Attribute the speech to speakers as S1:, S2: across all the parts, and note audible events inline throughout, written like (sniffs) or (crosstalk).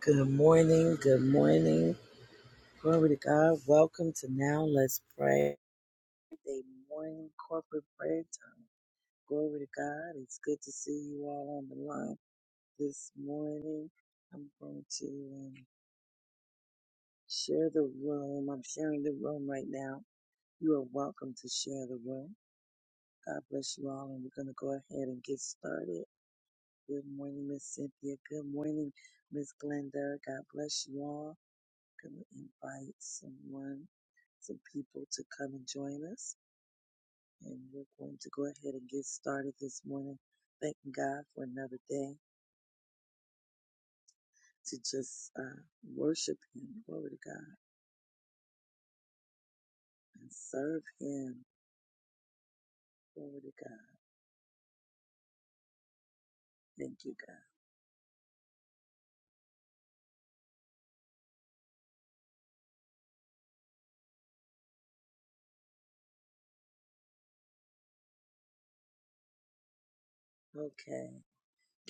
S1: Good morning. Good morning. Glory to God. Welcome to Now Let's Pray. Day morning corporate prayer time. Glory to God. It's good to see you all on the line this morning. I'm going to um, share the room. I'm sharing the room right now. You are welcome to share the room. God bless you all, and we're going to go ahead and get started. Good morning, Miss Cynthia. Good morning, Miss Glenda. God bless you all. Gonna invite someone, some people to come and join us. And we're going to go ahead and get started this morning. Thanking God for another day to just uh, worship Him. Glory to God. And serve Him. Glory to God. Thank you, God. Okay.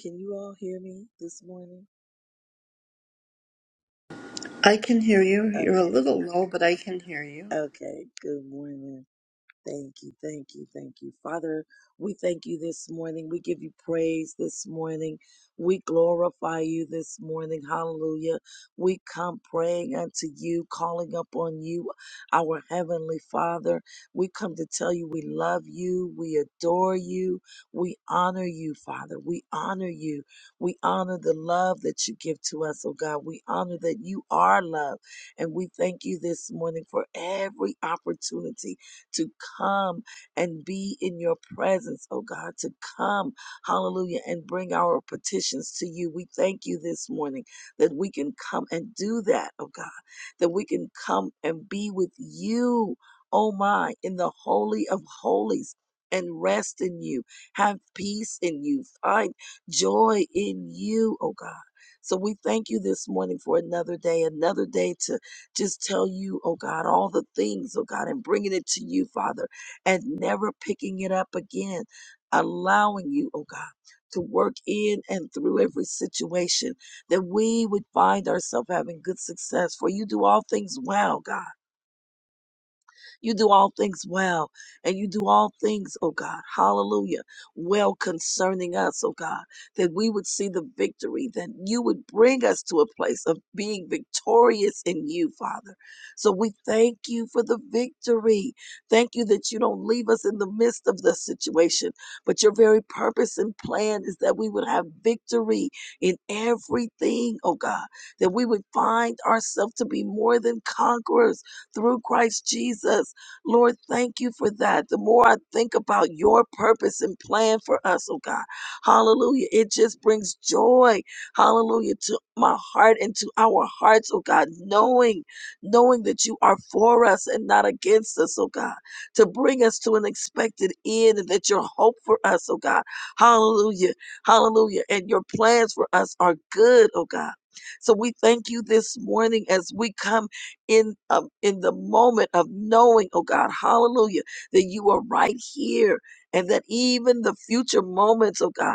S1: Can you all hear me this morning?
S2: I can hear you. You're a
S1: Okay.
S2: little low, but I can hear you.
S1: Okay. Good morning. Thank you, thank you, thank you. Father, we thank you this morning. We give you praise this morning. We glorify you this morning. Hallelujah. We come praying unto you, calling upon you, our Heavenly Father. We come to tell you we love you, we adore you, we honor you, Father. We honor you. We honor the love that you give to us, oh God. We honor that you are love. And we thank you this morning for every opportunity to come and be in your presence, oh God, to come, hallelujah, and bring our petitions to you. We thank you this morning that we can come and do that, oh God, that we can come and be with you, oh my, in the holy of holies. And rest in you, have peace in you, find joy in you, oh God. So we thank you this morning for another day, another day to just tell you, oh God, all the things, oh God, and bringing it to you, Father, and never picking it up again, allowing you, oh God, to work in and through every situation that we would find ourselves having good success. For you do all things well, God. You do all things well, and you do all things, oh God, hallelujah, well concerning us, oh God, that we would see the victory, that you would bring us to a place of being victorious in you, Father. So we thank you for the victory. Thank you that you don't leave us in the midst of the situation, but your very purpose and plan is that we would have victory in everything, oh God, that we would find ourselves to be more than conquerors through Christ Jesus. Lord, thank you for that. The more I think about your purpose and plan for us, oh God, hallelujah, it just brings joy, hallelujah, to my heart and to our hearts, oh God, knowing, knowing that you are for us and not against us, oh God, to bring us to an expected end and that your hope for us, oh God, hallelujah, hallelujah, and your plans for us are good, oh God. So we thank you this morning as we come in um, in the moment of knowing, oh God, hallelujah, that you are right here and that even the future moments, oh God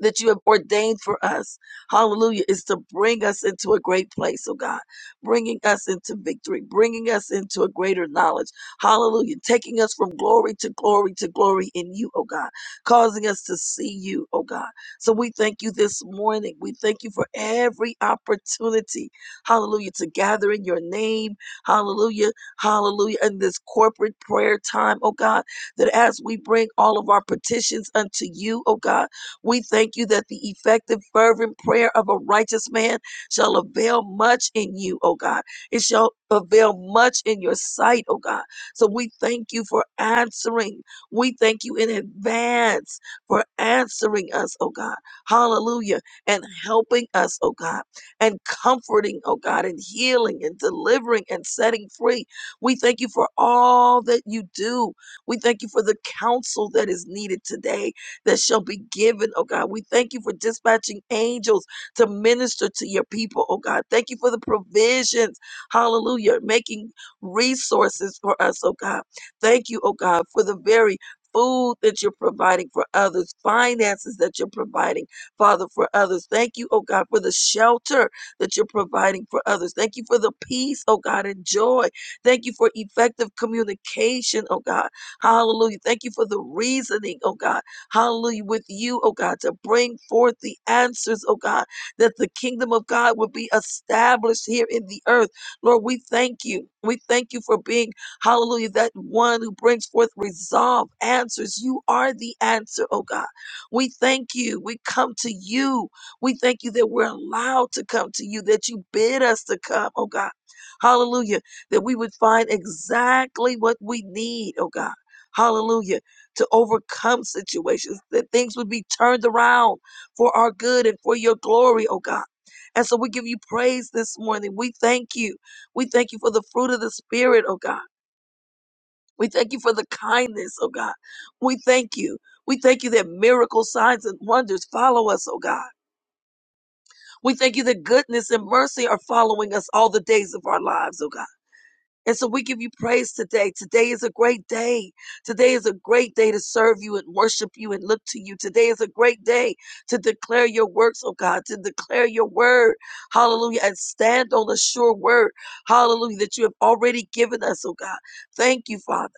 S1: that you have ordained for us, hallelujah, is to bring us into a great place, oh God, bringing us into victory, bringing us into a greater knowledge, hallelujah, taking us from glory to glory to glory in you, oh God, causing us to see you, oh God. So we thank you this morning. We thank you for every opportunity, hallelujah, to gather in your name, hallelujah, hallelujah, in this corporate prayer time, oh God, that as we bring all of our petitions unto you, oh God, we thank you that the effective, fervent prayer of a righteous man shall avail much in you, oh God. It shall avail much in your sight, oh God. So we thank you for answering. We thank you in advance for answering us, oh God. Hallelujah. And helping us, oh God. And comforting, oh God. And healing and delivering and setting free. We thank you for all that you do. We thank you for the counsel that is needed today that shall be given, oh God. We thank you for dispatching angels to minister to your people, oh God. Thank you for the provisions, hallelujah, making resources for us, oh God. Thank you, oh God, for the very Food that you're providing for others, finances that you're providing, Father, for others. Thank you, oh God, for the shelter that you're providing for others. Thank you for the peace, oh God, and joy. Thank you for effective communication, oh God. Hallelujah. Thank you for the reasoning, oh God hallelujah, with you, oh God, to bring forth the answers, oh God, that the kingdom of God would be established here in the earth. Lord, we thank you. We thank you for being, hallelujah, that one who brings forth resolve, answers. You are the answer, oh God. We thank you. We come to you. We thank you that we're allowed to come to you, that you bid us to come, oh God. Hallelujah. That we would find exactly what we need, oh God. Hallelujah to overcome situations, that things would be turned around for our good and for your glory, oh God. And so we give you praise this morning. We thank you. We thank you for the fruit of the Spirit, oh God. We thank you for the kindness, oh God. We thank you. We thank you that miracle signs and wonders follow us, oh God. We thank you that goodness and mercy are following us all the days of our lives, oh God. And so we give you praise today. Today is a great day. Today is a great day to serve you and worship you and look to you. Today is a great day to declare your works, oh God, to declare your word. Hallelujah. And stand on the sure word. Hallelujah. That you have already given us, oh God. Thank you, Father.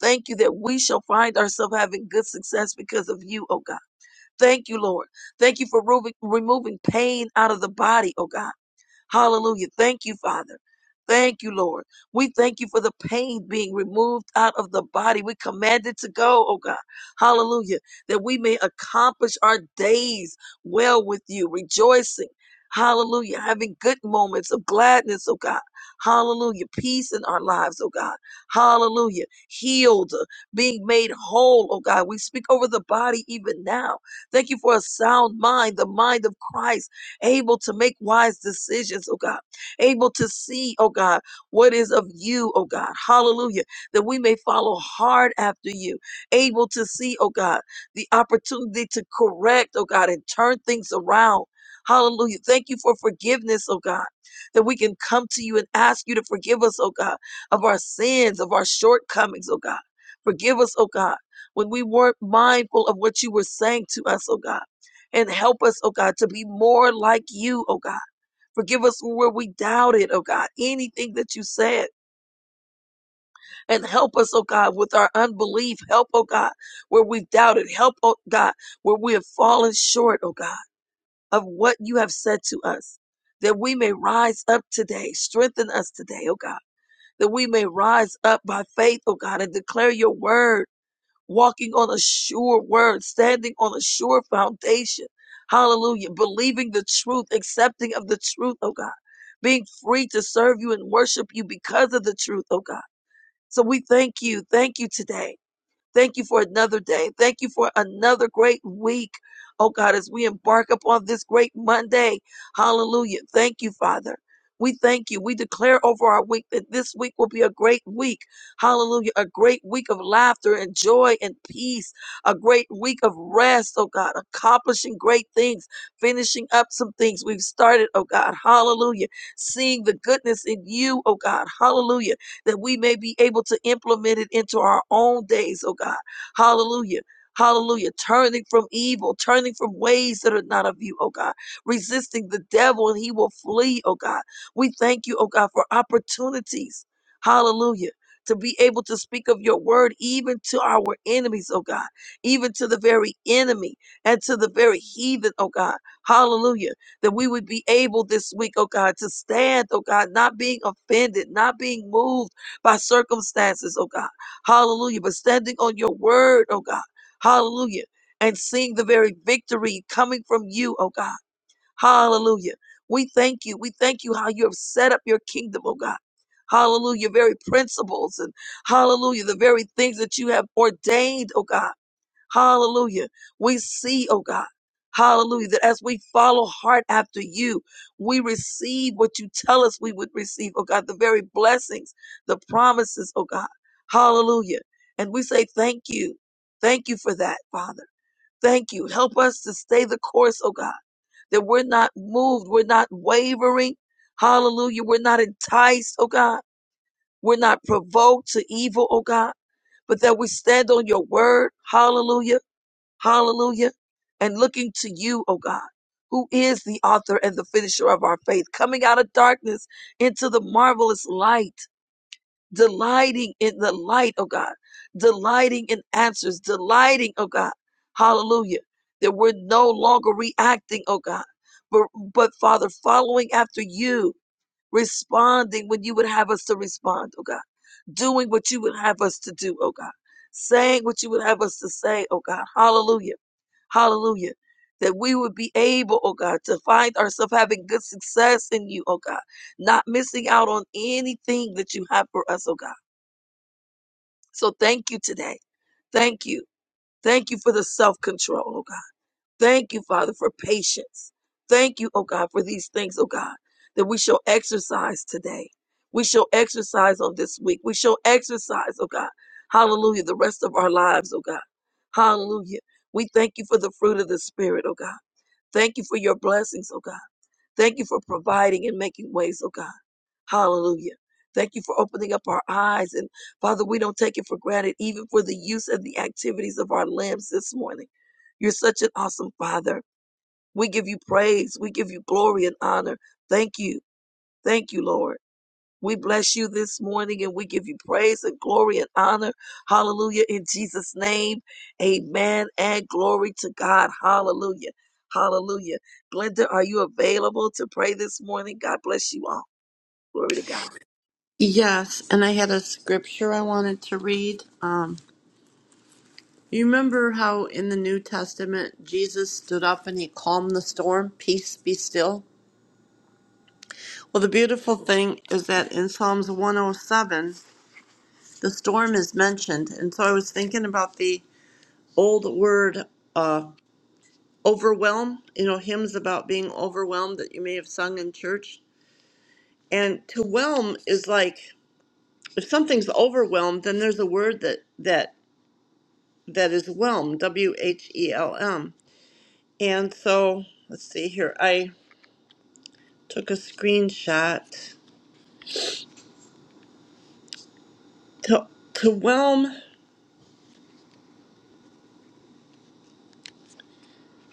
S1: Thank you that we shall find ourselves having good success because of you, oh God. Thank you, Lord. Thank you for remo- removing pain out of the body, oh God. Hallelujah. Thank you, Father. Thank you, Lord. We thank you for the pain being removed out of the body. We command it to go, oh God. Hallelujah. That we may accomplish our days well with you, rejoicing. Hallelujah. Having good moments of gladness, oh God. Hallelujah. Peace in our lives, oh God. Hallelujah. Healed, uh, being made whole, oh God. We speak over the body even now. Thank you for a sound mind, the mind of Christ able to make wise decisions, oh God, able to see, oh God, what is of you, oh God. Hallelujah. That we may follow hard after you, able to see, oh God, the opportunity to correct, oh God, and turn things around. Hallelujah. Thank you for forgiveness, oh God, that we can come to you and ask you to forgive us, oh God, of our sins, of our shortcomings, oh God. Forgive us, oh God, when we weren't mindful of what you were saying to us, oh God and help us, oh God, to be more like you, oh God. Forgive us where we doubted, oh God, anything that you said, and help us, oh God, with our unbelief. Help, oh God, where we've doubted. Help, oh God, where we have fallen short, oh God, of what you have said to us, that we may rise up today. Strengthen us today, oh God, that we may rise up by faith, oh God, and declare your word walking on a sure word, standing on a sure foundation. Hallelujah. Believing the truth, accepting of the truth, oh God. Being free to serve you and worship you because of the truth, oh God. So we thank you. Thank you today. Thank you for another day. Thank you for another great week. Oh God, as we embark upon this great Monday, hallelujah. Thank you, Father. We thank you. We declare over our week that this week will be a great week. Hallelujah. A great week of laughter and joy and peace. A great week of rest, oh God. Accomplishing great things, finishing up some things we've started, oh God. Hallelujah. Seeing the goodness in you, oh God. Hallelujah that we may be able to implement it into our own days, oh God. Hallelujah. Hallelujah. Turning from evil, turning from ways that are not of you, oh God. Resisting the devil and he will flee, oh God. We thank you, oh God, for opportunities. Hallelujah. To be able to speak of your word even to our enemies, oh God, even to the very enemy and to the very heathen, oh God. Hallelujah. That we would be able this week, oh God, to stand, oh God, not being offended, not being moved by circumstances, oh God. Hallelujah. But standing on your word, oh God. Hallelujah. And seeing the very victory coming from you, oh God. Hallelujah. We thank you. We thank you how you have set up your kingdom, oh God. Hallelujah. Very principles and hallelujah. The very things that you have ordained, oh God. Hallelujah. We see, oh God, hallelujah, that as we follow hard after you, we receive what you tell us we would receive, oh God, the very blessings, the promises, oh God. Hallelujah. And we say thank you. Thank you for that, Father. Thank you. Help us to stay the course, oh God, that we're not moved, we're not wavering. Hallelujah. We're not enticed, oh God. We're not provoked to evil, oh God, but that we stand on your word. Hallelujah Hallelujah. And looking to you, oh God, who is the author and the finisher of our faith, coming out of darkness into the marvelous light, delighting in the light, oh God, delighting in answers, delighting, oh God. Hallelujah. That we're no longer reacting, oh God, but, but Father, following after you, responding when you would have us to respond, oh God, doing what you would have us to do, oh God, saying what you would have us to say, oh God. Hallelujah Hallelujah. That we would be able, oh God, to find ourselves having good success in you, oh God, not missing out on anything that you have for us, oh God. So thank you today. Thank you. Thank you for the self control, oh God. Thank you, Father, for patience. Thank you, oh God, for these things, oh God, that we shall exercise today. We shall exercise on this week. We shall exercise, oh God. Hallelujah. The rest of our lives, oh God. Hallelujah. We thank you for the fruit of the Spirit, oh God. Thank you for your blessings, oh God. Thank you for providing and making ways, oh God. Hallelujah. Thank you for opening up our eyes. And Father, we don't take it for granted, even for the use and the activities of our limbs this morning. You're such an awesome Father. We give you praise. We give you glory and honor. Thank you. Thank you, Lord. We bless you this morning and we give you praise and glory and honor. Hallelujah. In Jesus' name, amen and glory to God. Hallelujah. Hallelujah. Glenda, are you available to pray this morning? God bless you all. Glory to God.
S2: Yes, and I had a scripture I wanted to read. Um, you remember how in the New Testament Jesus stood up and he calmed the storm, peace be still? Well, the beautiful thing is that in Psalms 107, the storm is mentioned. And so I was thinking about the old word uh, overwhelm, you know, hymns about being overwhelmed that you may have sung in church. And to whelm is like if something's overwhelmed, then there's a word that that that is whelm, W H E L M. And so let's see here. I took a screenshot to to whelm.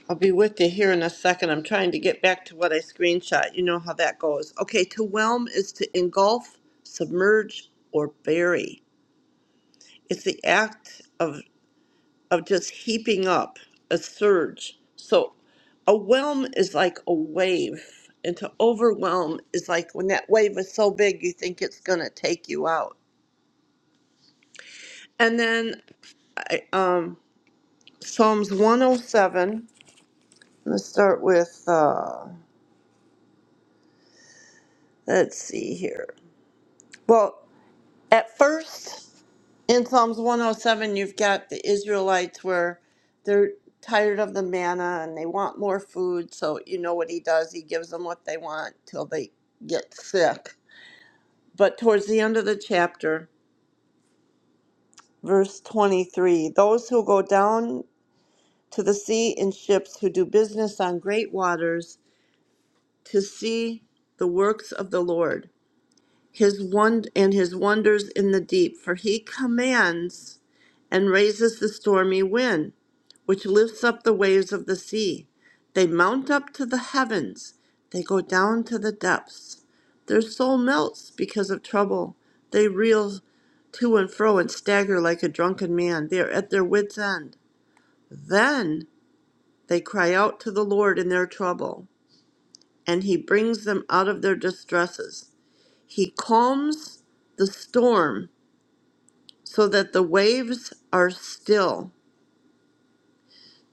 S2: I'll be with you here in a second. I'm trying to get back to what I screenshot. You know how that goes. Okay, to whelm is to engulf, submerge, or bury. It's the act of. of just heaping up a surge. So a whelm is like a wave, and to overwhelm is like when that wave is so big you think it's going to take you out. And then I, um, Psalms 107, let's start with, uh, let's see here. Well, at first, In Psalms 107, you've got the Israelites where they're tired of the manna and they want more food. So, you know what he does? He gives them what they want till they get sick. But towards the end of the chapter, verse 23 those who go down to the sea in ships, who do business on great waters, to see the works of the Lord his won- and his wonders in the deep, for he commands and raises the stormy wind, which lifts up the waves of the sea. They mount up to the heavens, they go down to the depths. Their soul melts because of trouble. They reel to and fro and stagger like a drunken man. They are at their wits' end. Then they cry out to the Lord in their trouble, and he brings them out of their distresses. He calms the storm so that the waves are still.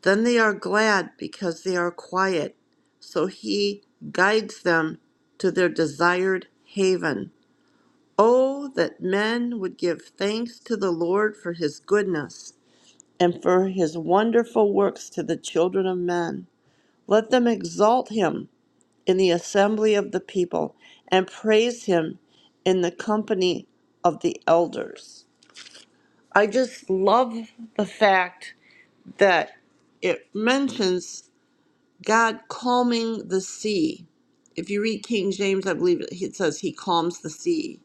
S2: Then they are glad because they are quiet. So he guides them to their desired haven. Oh, that men would give thanks to the Lord for his goodness and for his wonderful works to the children of men. Let them exalt him in the assembly of the people and praise him in the company of the elders. I just love the fact that it mentions God calming the sea. If you read King James, I believe it it says he calms the sea,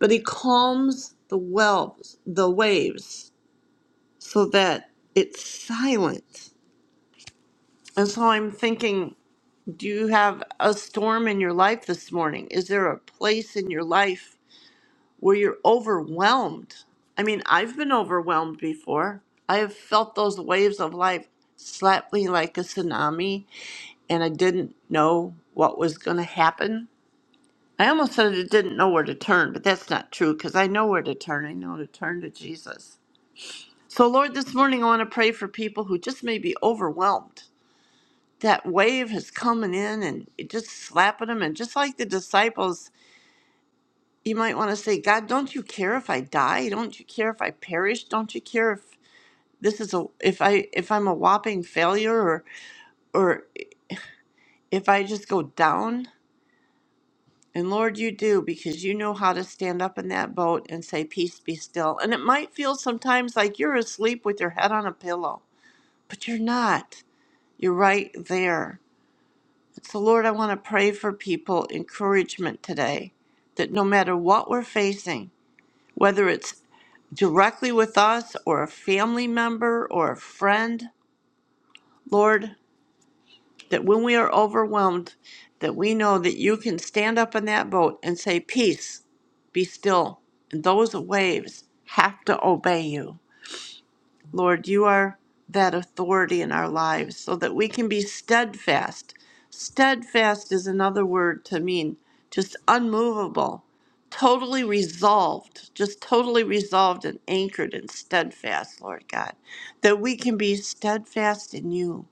S2: but he calms the wells, the waves, so that it's silent. And so I'm thinking, do you have a storm in your life this morning? Is there a place in your life where you're overwhelmed. I mean, I've been overwhelmed before. I have felt those waves of life slap me like a tsunami, and I didn't know what was going to happen. I almost said I didn't know where to turn, but that's not true because I know where to turn. I know to turn to Jesus. So, Lord, this morning I want to pray for people who just may be overwhelmed. That wave is coming in and it just slapping them. And just like the disciples you might want to say, God, don't you care if I die? Don't you care if I perish? Don't you care if this is a if I if I'm a whopping failure or or if I just go down? And Lord, you do because you know how to stand up in that boat and say, Peace be still. And it might feel sometimes like you're asleep with your head on a pillow, but you're not. You're right there. So, Lord, I want to pray for people encouragement today that no matter what we're facing, whether it's directly with us or a family member or a friend, Lord, that when we are overwhelmed, that we know that you can stand up in that boat and say, Peace, be still. And those waves have to obey you. Lord, you are that authority in our lives so that we can be steadfast. Steadfast is another word to mean just unmovable, totally resolved, just totally resolved and anchored and steadfast, Lord God. That we can be steadfast in you.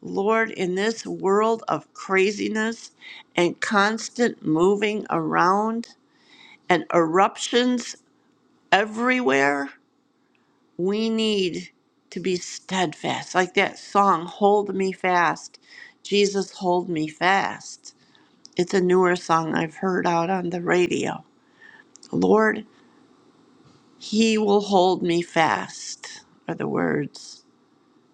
S2: Lord, in this world of craziness and constant moving around and eruptions everywhere, we need to be steadfast. Like that song, Hold Me Fast. Jesus, hold me fast. It's a newer song I've heard out on the radio. Lord, He will hold me fast, are the words.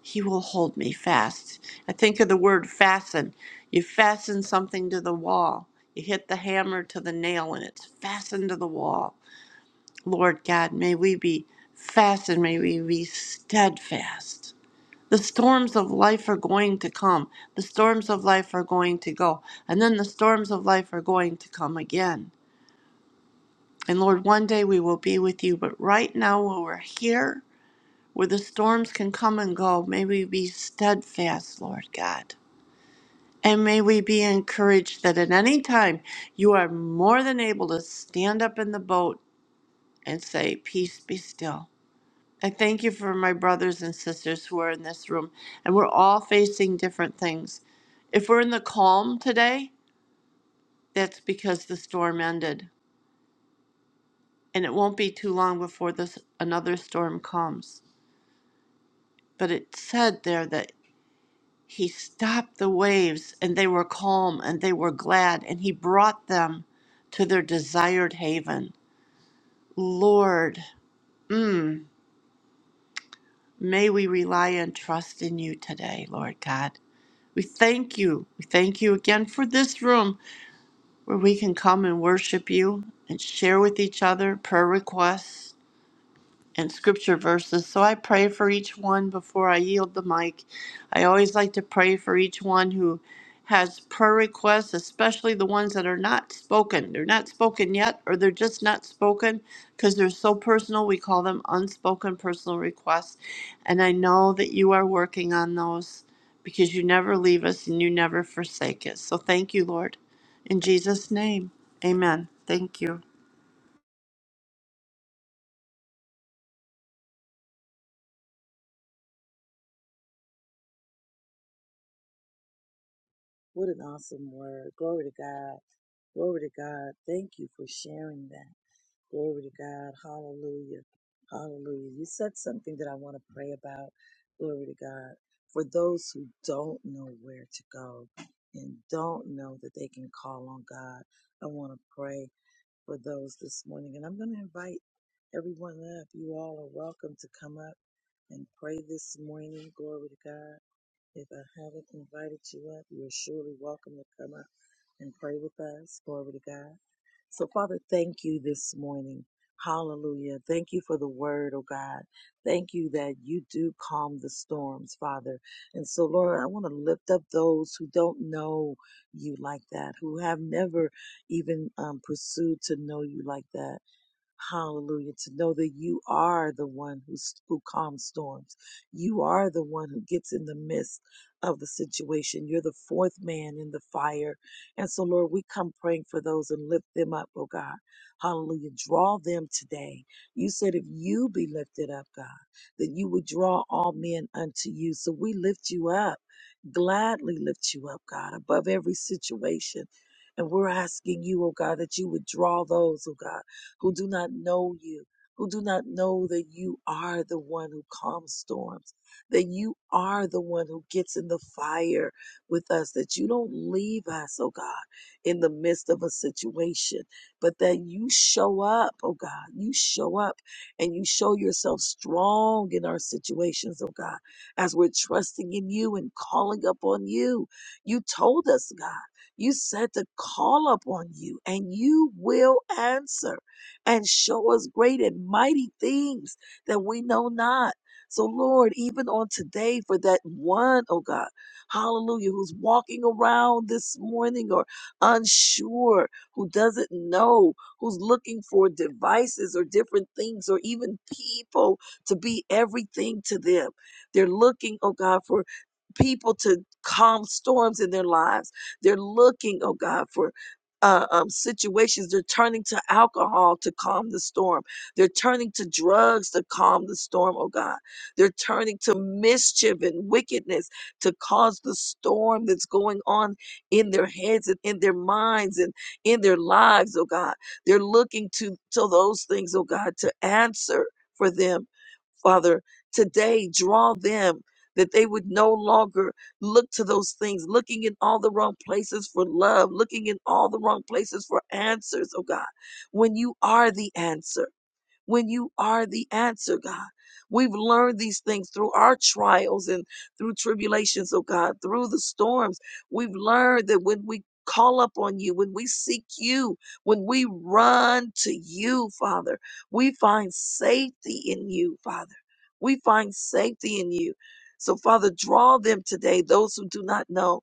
S2: He will hold me fast. I think of the word fasten. You fasten something to the wall, you hit the hammer to the nail, and it's fastened to the wall. Lord God, may we be fastened, may we be steadfast The storms of life are going to come. The storms of life are going to go. And then the storms of life are going to come again. And Lord, one day we will be with you. But right now, while we're here, where the storms can come and go, may we be steadfast, Lord God. And may we be encouraged that at any time you are more than able to stand up in the boat and say, Peace be still I thank you for my brothers and sisters who are in this room, and we're all facing different things. If we're in the calm today, that's because the storm ended, and it won't be too long before this another storm comes. But it said there that he stopped the waves, and they were calm, and they were glad, and he brought them to their desired haven. Lord, mm, may we rely and trust in you today, Lord God. We thank you. We thank you again for this room where we can come and worship you and share with each other prayer requests and scripture verses. So I pray for each one before I yield the mic. I always like to pray for each one who has prayer requests, especially the ones that are not spoken. They're not spoken yet, or they're just not spoken because they're so personal. We call them unspoken personal requests. And I know that you are working on those because you never leave us and you never forsake us. So thank you, Lord. In Jesus' name, amen. Thank you.
S1: What an awesome word. Glory to God. Glory to God. Thank you for sharing that. Glory to God. Hallelujah. Hallelujah. You said something that I want to pray about. Glory to God. For those who don't know where to go and don't know that they can call on God, I want to pray for those this morning. And I'm going to invite everyone up. You all are welcome to come up and pray this morning. Glory to God. If I haven't invited you up, you're surely welcome to come up and pray with us. Glory to God. So, Father, thank you this morning. Hallelujah. Thank you for the word, oh God. Thank you that you do calm the storms, Father. And so, Lord, I want to lift up those who don't know you like that, who have never even um, pursued to know you like that. Hallelujah. To know that you are the one who, who calms storms. You are the one who gets in the midst of the situation. You're the fourth man in the fire. And so, Lord, we come praying for those and lift them up, oh God. Hallelujah. Draw them today. You said if you be lifted up, God, that you would draw all men unto you. So we lift you up, gladly lift you up, God, above every situation. And we're asking you, oh God, that you would draw those, oh God who do not know you, who do not know that you are the one who calms storms, that you are the one who gets in the fire with us, that you don't leave us, oh God, in the midst of a situation, but that you show up, oh God, you show up and you show yourself strong in our situations, oh God, as we're trusting in you and calling up on you. You told us, God, you said to call up on you and you will answer and show us great and mighty things that we know not. So, Lord, even on today, for that one, oh God, hallelujah, who's walking around this morning or unsure, who doesn't know, who's looking for devices or different things or even people to be everything to them. They're looking, oh God, for people to calm storms in their lives. They're looking, oh God, for uh, um, situations, they're turning to alcohol to calm the storm. They're turning to drugs to calm the storm, oh God. They're turning to mischief and wickedness to cause the storm that's going on in their heads and in their minds and in their lives, oh God. They're looking to, to those things, oh God, to answer for them Father, today draw them that they would no longer look to those things, looking in all the wrong places for love, looking in all the wrong places for answers, oh God, when you are the answer when you are the answer, God. We've learned these things through our trials and through tribulations, oh God, through the storms. We've learned that when we call up on you, when we seek you, when we run to you, Father, we find safety in you, Father. We find safety in you. So, Father, draw them today, those who do not know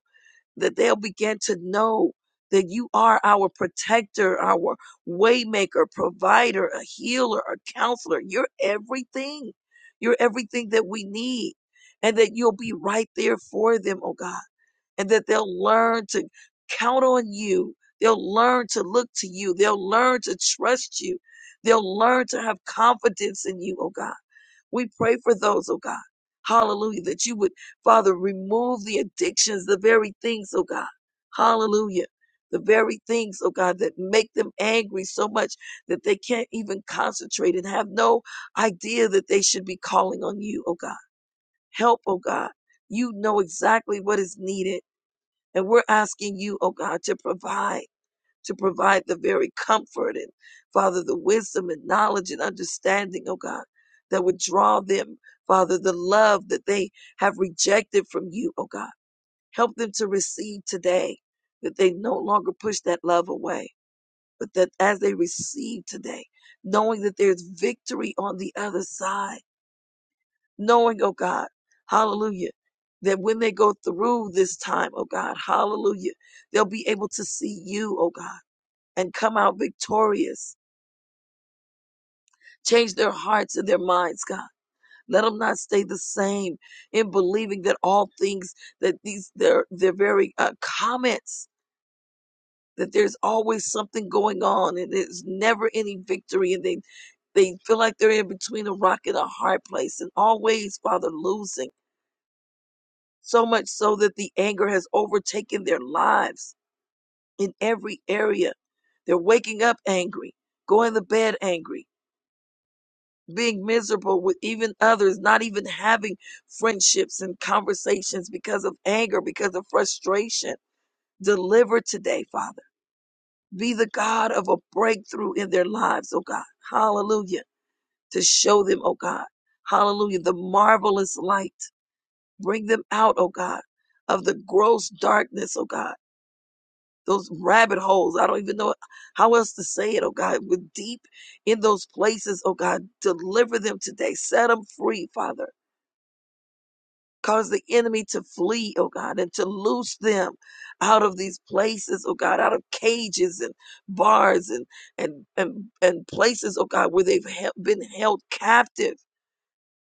S1: that they'll begin to know that you are our protector, our waymaker, provider, a healer, a counselor. You're everything. You're everything that we need. And that you'll be right there for them, oh God. And that they'll learn to count on you. They'll learn to look to you. They'll learn to trust you. They'll learn to have confidence in you, oh God we pray for those, oh God. Hallelujah. That you would, Father, remove the addictions, the very things, oh God. Hallelujah. The very things, oh God, that make them angry so much that they can't even concentrate and have no idea that they should be calling on you, oh God. Help, oh God. You know exactly what is needed. And we're asking you, oh God, to provide to provide the very comfort and, Father, the wisdom and knowledge and understanding, oh God, that would draw them, Father, the love that they have rejected from you, oh God. Help them to receive today that they no longer push that love away, but that as they receive today, knowing that there's victory on the other side, knowing, oh God, hallelujah, that when they go through this time, oh God, hallelujah, they'll be able to see you, oh God and come out victorious. Change their hearts and their minds, God. Let them not stay the same in believing that all things that these their their very uh, comments that there's always something going on and there's never any victory and they they feel like they're in between a rock and a hard place and always father losing so much so that the anger has overtaken their lives in every area they're waking up angry going to bed angry being miserable with even others, not even having friendships and conversations because of anger, because of frustration. Deliver today, Father. Be the God of a breakthrough in their lives, oh God. Hallelujah. To show them, oh God. Hallelujah. The marvelous light. Bring them out, oh God, of the gross darkness, oh God. Those rabbit holes. I don't even know how else to say it, oh God. We're deep in those places, oh God. Deliver them today. Set them free, Father Cause the enemy to flee, oh God, and to loose them out of these places, oh God, out of cages and bars and and and, and places, oh God, where they've hel- been held captive.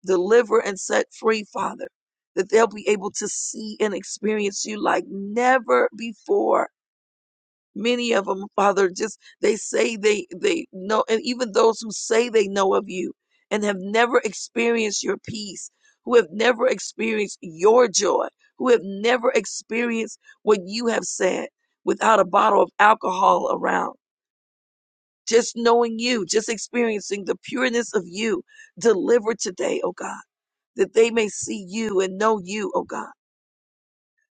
S1: Deliver and set free, Father, that they'll be able to see and experience you like never before Many of them, Father, just they say they they know, and even those who say they know of you and have never experienced your peace, who have never experienced your joy, who have never experienced what you have said without a bottle of alcohol around. Just knowing you, just experiencing the pureness of you, deliver today, oh God, that they may see you and know you, oh God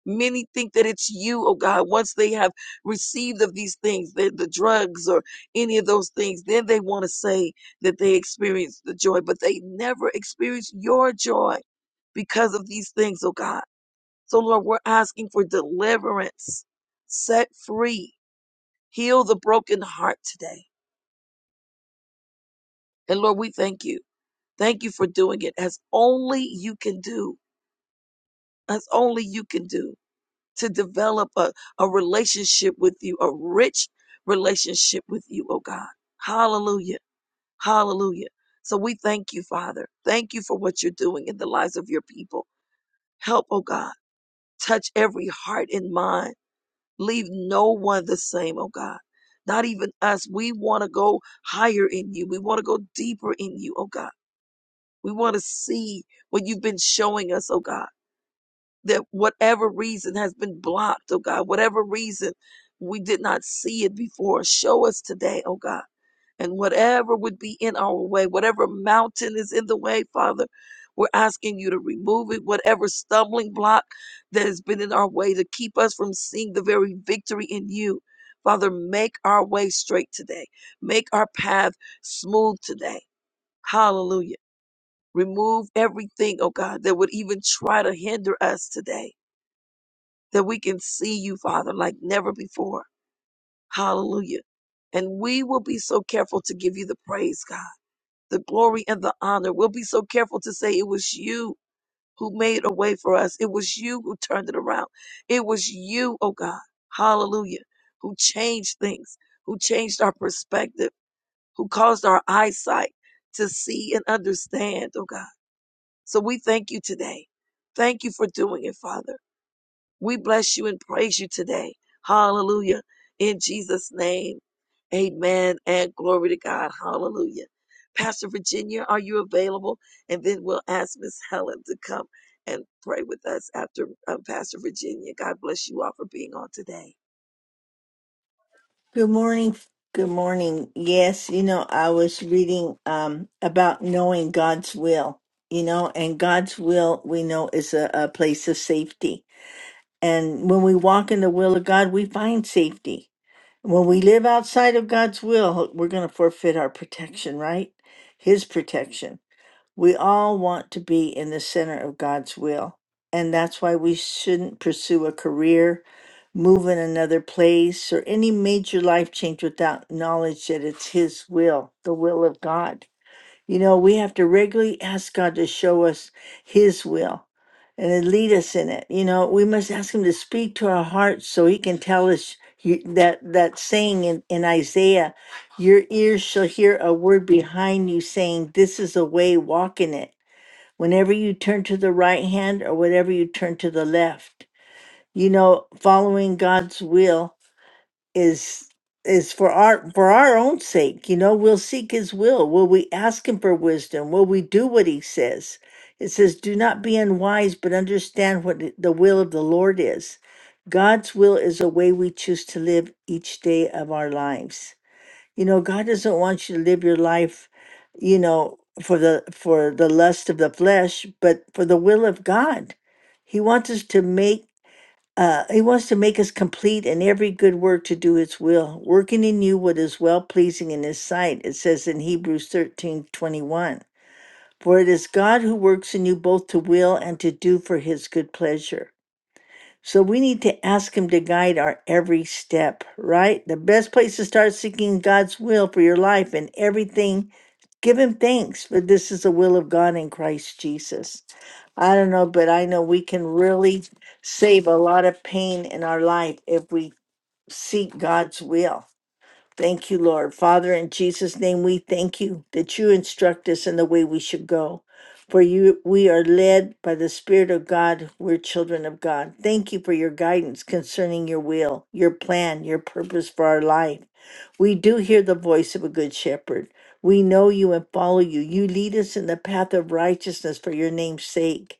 S1: Many think that it's you, oh God. Once they have received of these things, the, the drugs or any of those things, then they want to say that they experienced the joy, but they never experience your joy because of these things, oh God. So, Lord, we're asking for deliverance, set free, heal the broken heart today. And Lord, we thank you. Thank you for doing it as only you can do, as only you can do. to develop a, a relationship with you, a rich relationship with you, oh God. Hallelujah. Hallelujah. So we thank you, Father. Thank you for what you're doing in the lives of your people. Help, oh God. Touch every heart and mind. Leave no one the same, oh God. Not even us. We want to go higher in you. We want to go deeper in you, oh God. We want to see what you've been showing us, oh God. that whatever reason has been blocked, oh God, whatever reason we did not see it before, show us today, oh God. And whatever would be in our way, whatever mountain is in the way, Father, we're asking you to remove it. Whatever stumbling block that has been in our way to keep us from seeing the very victory in you, Father, make our way straight today. Make our path smooth today. Hallelujah. Remove everything, oh God, that would even try to hinder us today that we can see you, Father, like never before. Hallelujah. And we will be so careful to give you the praise, God, the glory and the honor. We'll be so careful to say it was you who made a way for us. It was you who turned it around. It was you, oh God, hallelujah, who changed things, who changed our perspective, who caused our eyesight to see and understand, oh God. So we thank you today. Thank you for doing it, Father. We bless you and praise you today. Hallelujah. In Jesus' name, amen and glory to God. Hallelujah. Pastor Virginia, are you available? And then we'll ask Miss Helen to come and pray with us after um, Pastor Virginia. God bless you all for being on today.
S3: Good morning. Good morning. Yes, you know, I was reading um, about knowing God's will, you know, and God's will we know is a, a place of safety. And when we walk in the will of God, we find safety. When we live outside of God's will, we're going to forfeit our protection, right? His protection. We all want to be in the center of God's will. And that's why we shouldn't pursue a career, move in another place, or any major life change without knowledge that it's His will, the will of God. You know, we have to regularly ask God to show us His will and to lead us in it. You know, we must ask Him to speak to our hearts so He can tell us you- that that saying in, in Isaiah, your ears shall hear a word behind you saying, "This is a way, walk in it." Whenever you turn to the right hand or whenever you turn to the left, you know, following God's will is is for our for our own sake you know we'll seek his will will we ask him for wisdom will we do what he says it says do not be unwise but understand what the the will of the lord is god's will is a way we choose to live each day of our lives you know god doesn't want you to live your life you know for the for the lust of the flesh but for the will of god he wants us to make uh, he wants to make us complete in every good work to do his will, working in you what is well pleasing in his sight. It says in Hebrews thirteen twenty one. For it is God who works in you both to will and to do for his good pleasure. So we need to ask him to guide our every step, right? The best place to start seeking God's will for your life and everything, give him thanks, for this is the will of God in Christ Jesus. I don't know, but I know we can really save a lot of pain in our life if we seek God's will. Thank you, Lord. Father, in Jesus' name, we thank you that you instruct us in the way we should go. For you, we are led by the Spirit of God. We're children of God. Thank you for your guidance concerning your will, your plan, your purpose for our life. We do hear the voice of a good shepherd. We know you and follow you. You lead us in the path of righteousness for your name's sake.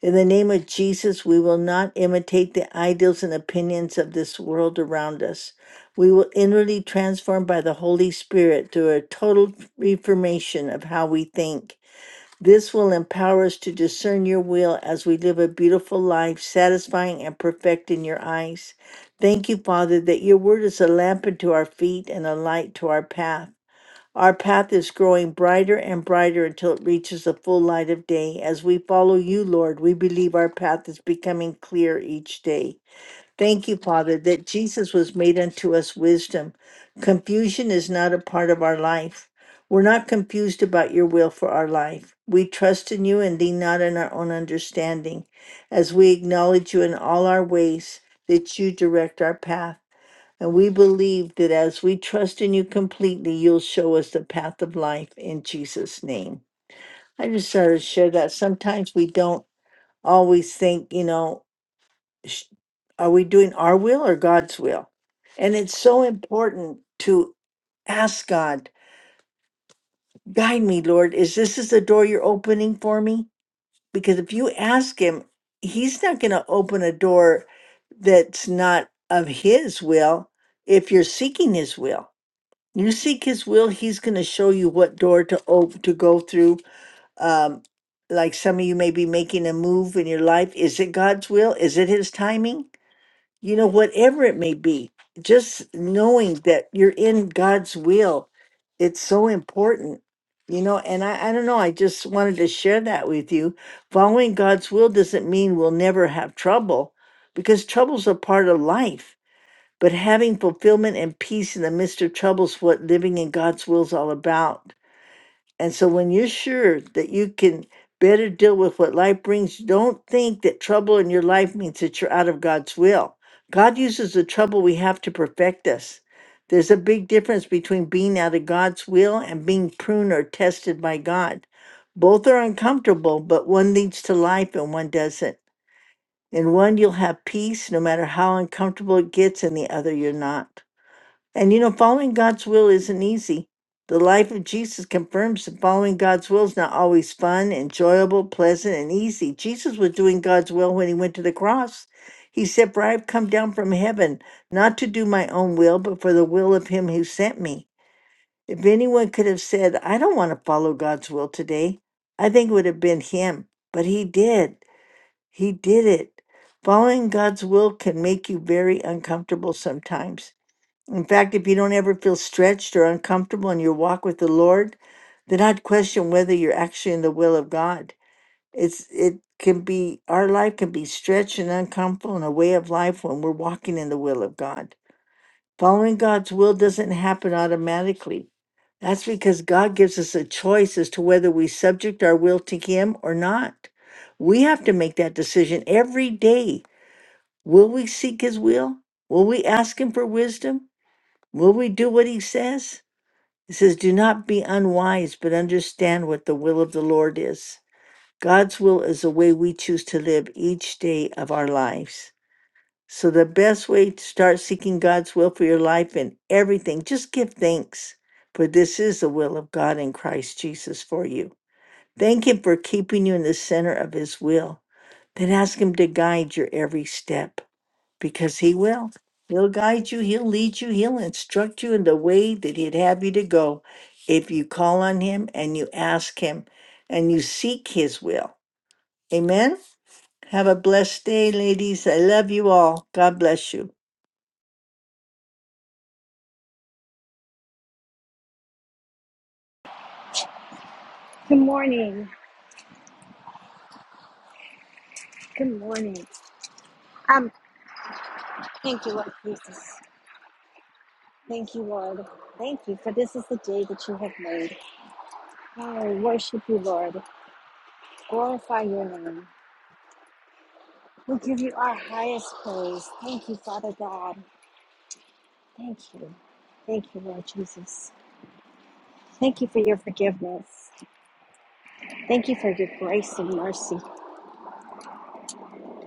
S3: In the name of Jesus, we will not imitate the ideals and opinions of this world around us. We will inwardly transform by the Holy Spirit through a total reformation of how we think. This will empower us to discern your will as we live a beautiful life, satisfying and perfect in your eyes. Thank you, Father, that your word is a lamp unto our feet and a light to our path. Our path is growing brighter and brighter until it reaches the full light of day. As we follow you, Lord, we believe our path is becoming clear each day. Thank you, Father, that Jesus was made unto us wisdom. Confusion is not a part of our life. We're not confused about your will for our life. We trust in you and lean not on our own understanding. As we acknowledge you in all our ways, that you direct our path. And we believe that as we trust in you completely, you'll show us the path of life in Jesus' name. I just sort of share that sometimes we don't always think, you know, sh- are we doing our will or God's will? And it's so important to ask God, guide me, Lord. Is this is the door you're opening for me? Because if you ask Him, He's not going to open a door that's not of His will if you're seeking His will. you seek his will he's going to show you what door to open to go through um like some of you may be making a move in your life is it god's will is it his timing you know whatever it may be just knowing that you're in god's will it's so important you know and i, I don't know i just wanted to share that with you following god's will doesn't mean we'll never have trouble because trouble's a part of life but having fulfillment and peace in the midst of troubles, what living in God's will is all about. And so when you're sure that you can better deal with what life brings, don't think that trouble in your life means that you're out of God's will. God uses the trouble we have to perfect us. There's a big difference between being out of God's will and being pruned or tested by God. Both are uncomfortable, but one leads to life and one doesn't. In one, you'll have peace no matter how uncomfortable it gets, and the other, you're not. And you know, following God's will isn't easy. The life of Jesus confirms that following God's will is not always fun, enjoyable, pleasant, and easy. Jesus was doing God's will when he went to the cross. He said, For I have come down from heaven, not to do my own will, but for the will of him who sent me. If anyone could have said, I don't want to follow God's will today, I think it would have been him. But he did. He did it. Following God's will can make you very uncomfortable sometimes. In fact, if you don't ever feel stretched or uncomfortable in your walk with the Lord, then I'd question whether you're actually in the will of God. It's it can be our life can be stretched and uncomfortable in a way of life when we're walking in the will of God. Following God's will doesn't happen automatically. That's because God gives us a choice as to whether we subject our will to Him or not. We have to make that decision every day. Will we seek His will? Will we ask Him for wisdom? Will we do what he says? He says, Do not be unwise, but understand what the will of the Lord is. God's will is the way we choose to live each day of our lives. So, the best way to start seeking God's will for your life and everything, just give thanks, for this is the will of God in Christ Jesus for you. Thank Him for keeping you in the center of His will. Then ask Him to guide your every step because he will. He'll guide you, he'll lead you, he'll instruct you in the way that he'd have you to go if you call on him and you ask him and you seek his will. Amen. Have a blessed day, ladies. I love you all. God bless you.
S4: Good morning. Good morning. Um, thank you, Lord Jesus. Thank you, Lord. Thank you for this is the day that you have made. Oh, we worship you, Lord. Glorify your name. We'll give you our highest praise. Thank you, Father God. Thank you. Thank you, Lord Jesus. Thank you for your forgiveness. Thank you for your grace and mercy.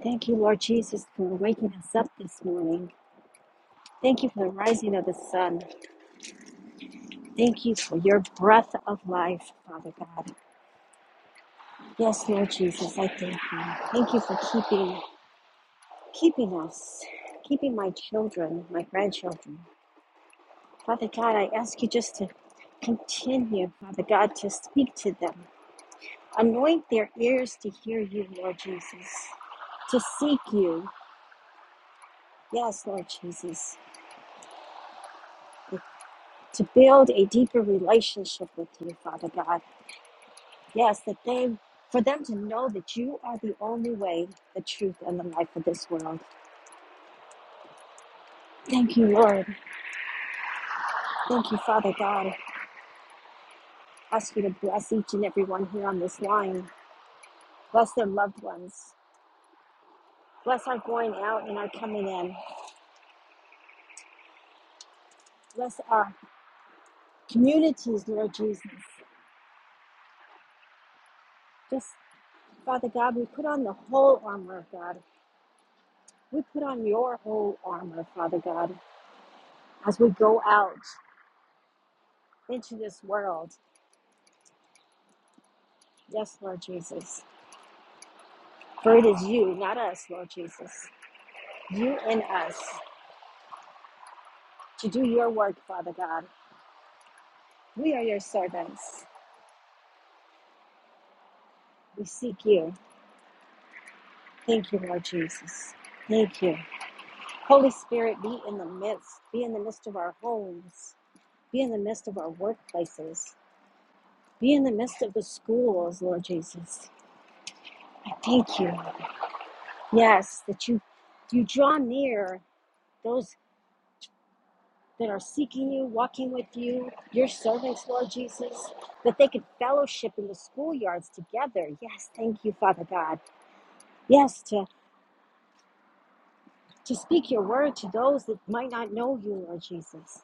S4: Thank you, Lord Jesus, for waking us up this morning. Thank you for the rising of the sun. Thank you for your breath of life, Father God. Yes, Lord Jesus, I thank you. Thank you for keeping keeping us, keeping my children, my grandchildren. Father God, I ask you just to continue, Father God, to speak to them. Anoint their ears to hear you, Lord Jesus, to seek you. Yes, Lord Jesus, to build a deeper relationship with you, Father God. Yes, that they, for them to know that you are the only way, the truth, and the life of this world. Thank you, Lord. Thank you, Father God. I Ask you to bless each and every one here on this line. Bless their loved ones. Bless our going out and our coming in. Bless our communities, Lord Jesus. Just, Father God, we put on the whole armor of God. We put on your whole armor, Father God, as we go out into this world. Yes, Lord Jesus. For it is you, not us, Lord Jesus. You and us to do your work, Father God. We are your servants. We seek you. Thank you, Lord Jesus. Thank you. Holy Spirit, be in the midst. Be in the midst of our homes. Be in the midst of our workplaces. Be in the midst of the schools, Lord Jesus. I thank you. Yes, that you you draw near those that are seeking you, walking with you, your servants, Lord Jesus, that they could fellowship in the schoolyards together. Yes, thank you, Father God. Yes, to, to speak your word to those that might not know you, Lord Jesus.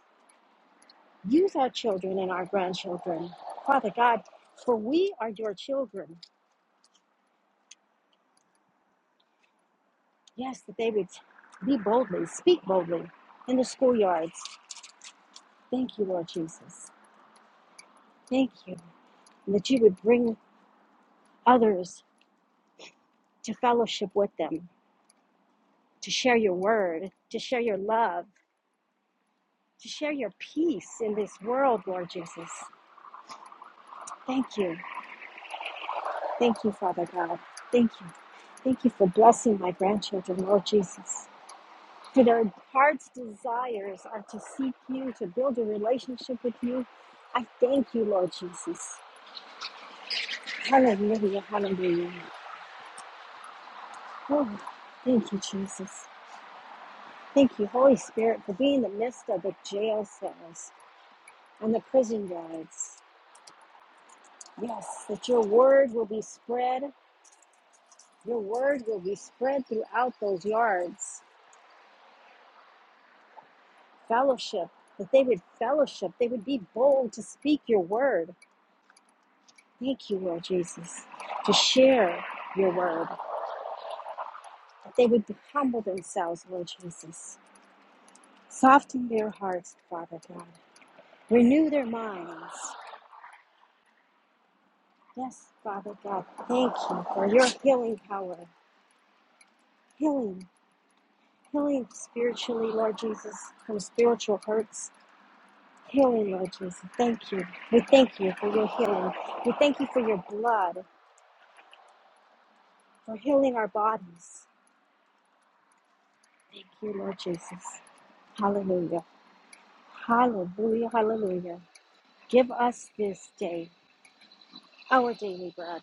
S4: Use our children and our grandchildren, Father God, for we are your children. Yes, that they would be boldly, speak boldly in the schoolyards. Thank you, Lord Jesus. Thank you. And that you would bring others to fellowship with them, to share your word, to share your love, to share your peace in this world, Lord Jesus. Thank you. Thank you, Father God. Thank you. Thank you for blessing my grandchildren, Lord Jesus. For their heart's desires are to seek you, to build a relationship with you. I thank you, Lord Jesus. Hallelujah, hallelujah. Oh, thank you, Jesus. Thank you, Holy Spirit, for being in the midst of the jail cells and the prison yards. Yes, that your word will be spread. Your word will be spread throughout those yards. Fellowship, that they would fellowship, they would be bold to speak your word. Thank you, Lord Jesus, to share your word, that they would humble themselves, Lord Jesus. Soften their hearts, Father God. Renew their minds. Yes, Father God, thank you for your healing power. Healing, healing spiritually, Lord Jesus, from spiritual hurts. Healing, Lord Jesus, thank you. We thank you for your healing. We thank you for your blood, for healing our bodies. Thank you, Lord Jesus. Hallelujah. Hallelujah, hallelujah. Give us this day our daily bread.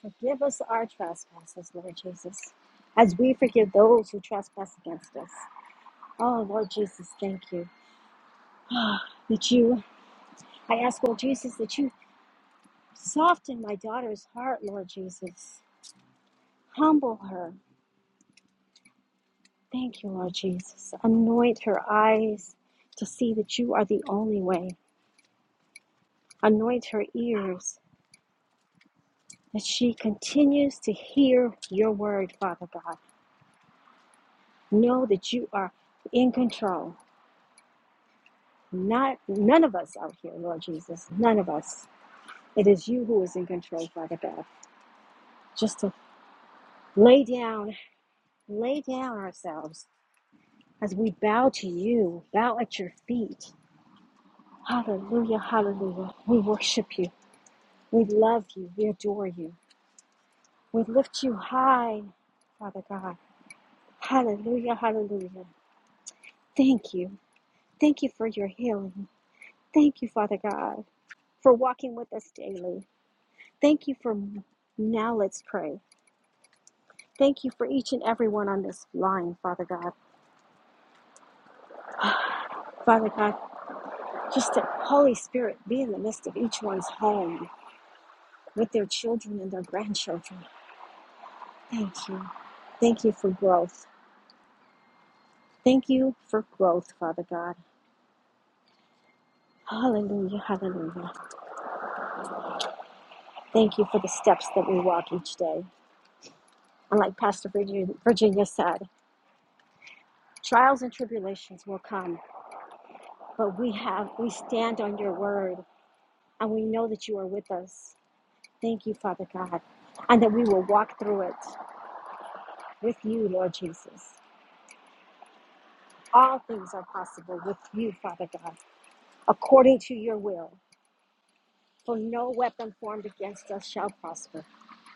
S4: Forgive us our trespasses, Lord Jesus, as we forgive those who trespass against us. Oh, Lord Jesus, thank you. Ah, that you, I ask, Lord Jesus, that you soften my daughter's heart, Lord Jesus. Humble her. Thank you, Lord Jesus. Anoint her eyes to see that you are the only way. Anoint her ears that she continues to hear your word, Father God. Know that you are in control. Not none of us out here, Lord Jesus. None of us. It is you who is in control, Father God. Just to lay down, lay down ourselves as we bow to you, bow at your feet. Hallelujah, hallelujah. We worship you. We love you. We adore you. We lift you high, Father God. Hallelujah, hallelujah. Thank you. Thank you for your healing. Thank you, Father God, for walking with us daily. Thank you for now let's pray. Thank you for each and every one on this line, Father God. Father God, just that Holy Spirit be in the midst of each one's home with their children and their grandchildren. Thank you. Thank you for growth. Thank you for growth, Father God. Hallelujah, hallelujah. Thank you for the steps that we walk each day. And like Pastor Virginia Virginia said, trials and tribulations will come But we have, we stand on your word and we know that you are with us. Thank you, Father God, and that we will walk through it with you, Lord Jesus. All things are possible with you, Father God, according to your will. For no weapon formed against us shall prosper.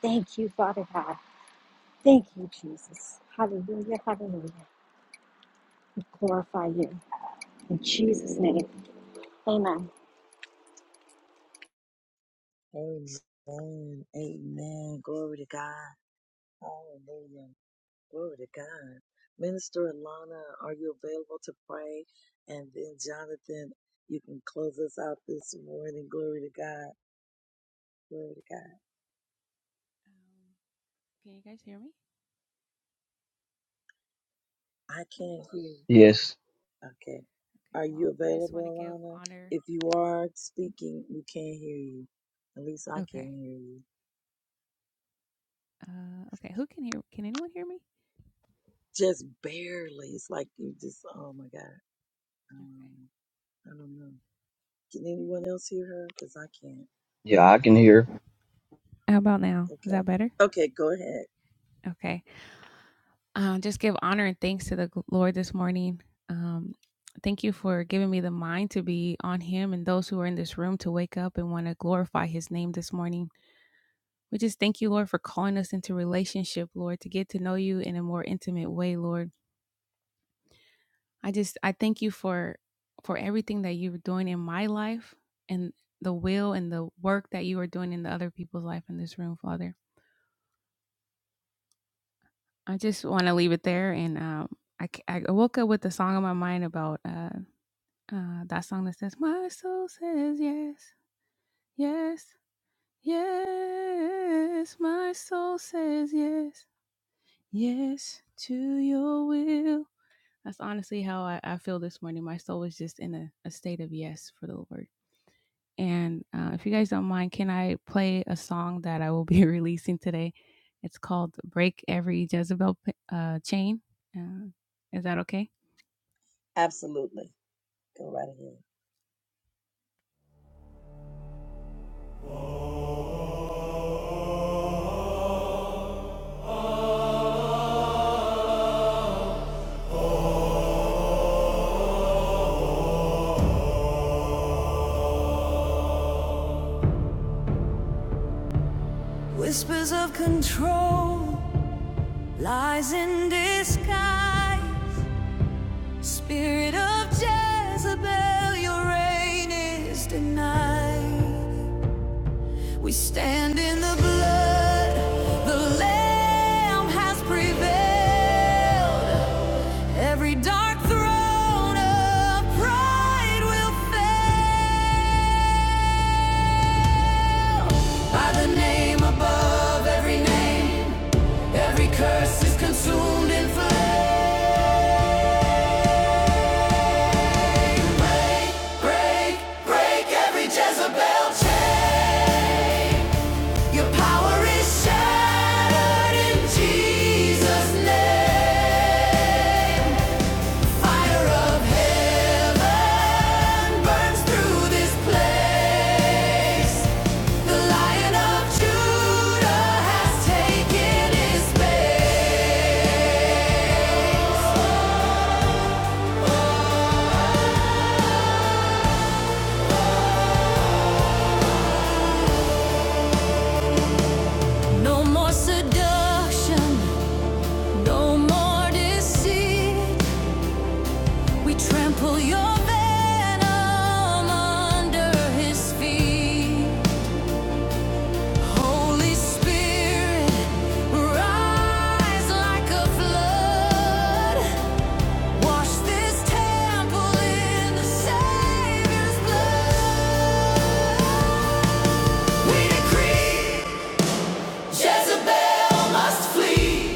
S4: Thank you, Father God. Thank you, Jesus. Hallelujah, hallelujah. We glorify you. In Jesus' name, amen.
S1: Amen. Amen. Glory to God. Hallelujah. Glory to God. Minister Alana, are you available to pray? And then Jonathan, you can close us out this morning. Glory to God. Glory to God. I can't hear.
S5: Yes.
S1: Okay. Are you available, Alana? If you are speaking, we can't hear you. At least I can't hear you. Just barely. It's like you just, oh my God. Um, I don't know. Can anyone else hear her? Because I can't.
S5: Yeah, I can hear.
S1: Okay. Okay, go ahead. Absolutely. Go right ahead.
S6: Whispers of control, lies in disguise. Spirit of Jezebel, your reign is denied. We stand in the blood, the Lamb has prevailed. Every dark throne of pride will fail. By the name above every name, every curse is consumed in flame. Break, break every Jezebel chain. Your power is shattered in Jesus' name. Fire of heaven burns through this place. The Lion of Judah has taken his place. No more seduction. No more deceit. We trample your venom under his feet. Holy Spirit, rise like a flood. Wash this temple in the Savior's blood. We decree Jezebel must flee.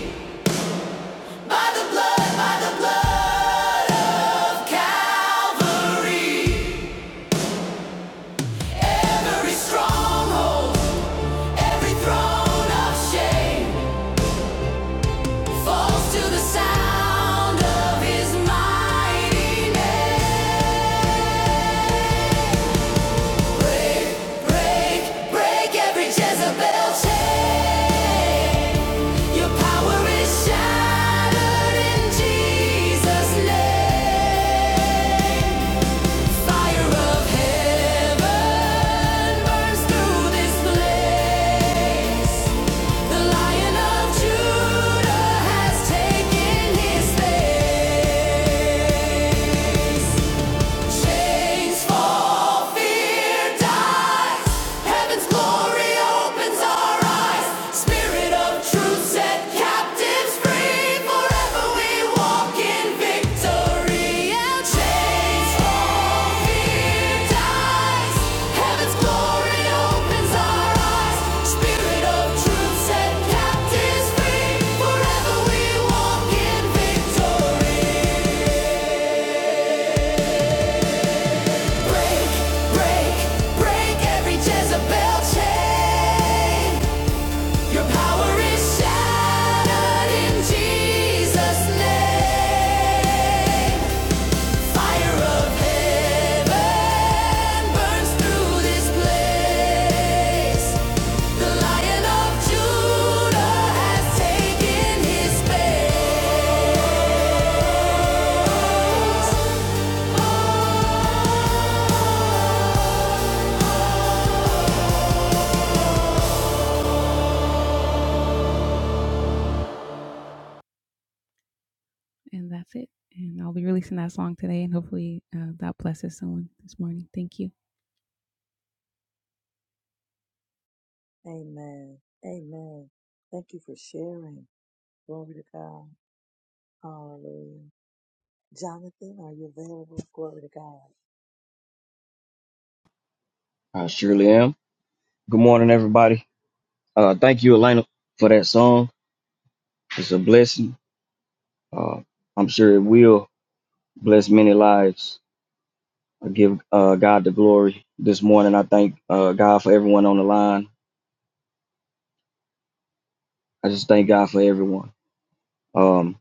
S6: Shattered in Jesus' name. fire of heaven burns through this place. The Lion of Judah has taken his place. Chains fall, fear dies. Heaven's glory opens our eyes. Spirit of truth set captives free. Forever we walk in victory. chains fall, fear dies. Heaven's glory opens our eyes. Spirit of truth set captives free. Forever we walk in victory. Break, break, break every Jezebel chain. Your power is shattered in Jesus' name. Fire of heaven burns through this place. The Lion of Judah has taken his place.
S1: Amen. Amen. Thank you for sharing. Glory to God. Hallelujah. Jonathan, are you available? Glory to God.
S5: I surely am. Good morning, everybody. Uh, thank you, Elena, for that song. It's a blessing. Uh, I'm sure it will bless many lives. I give uh, God the glory this morning. I thank uh, God for everyone on the line. I just thank God for everyone. Um,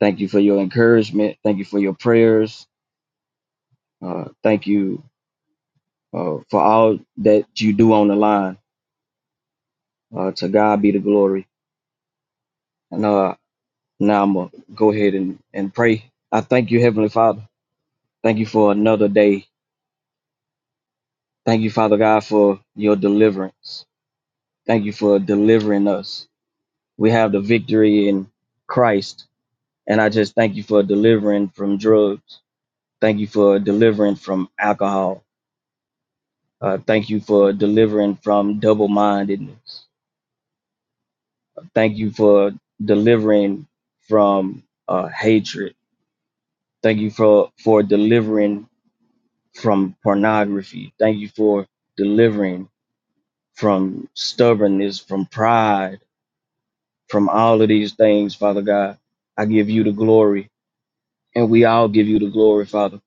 S5: thank you for your encouragement. Thank you for your prayers. Uh, thank you uh, for all that you do on the line. Uh, to God be the glory. And. uh, Now I'm going to go ahead and, and pray. I thank you, Heavenly Father. Thank you for another day. Thank you, Father God, for your deliverance. Thank you for delivering us. We have the victory in Christ. And I just thank you for delivering from drugs. Thank you for delivering from alcohol. Uh, thank you for delivering from double mindedness. Thank you for delivering from uh, hatred. Thank you for, for delivering from pornography. Thank you for delivering from stubbornness, from pride, from all of these things, Father God. I give you the glory, and we all give you the glory, Father.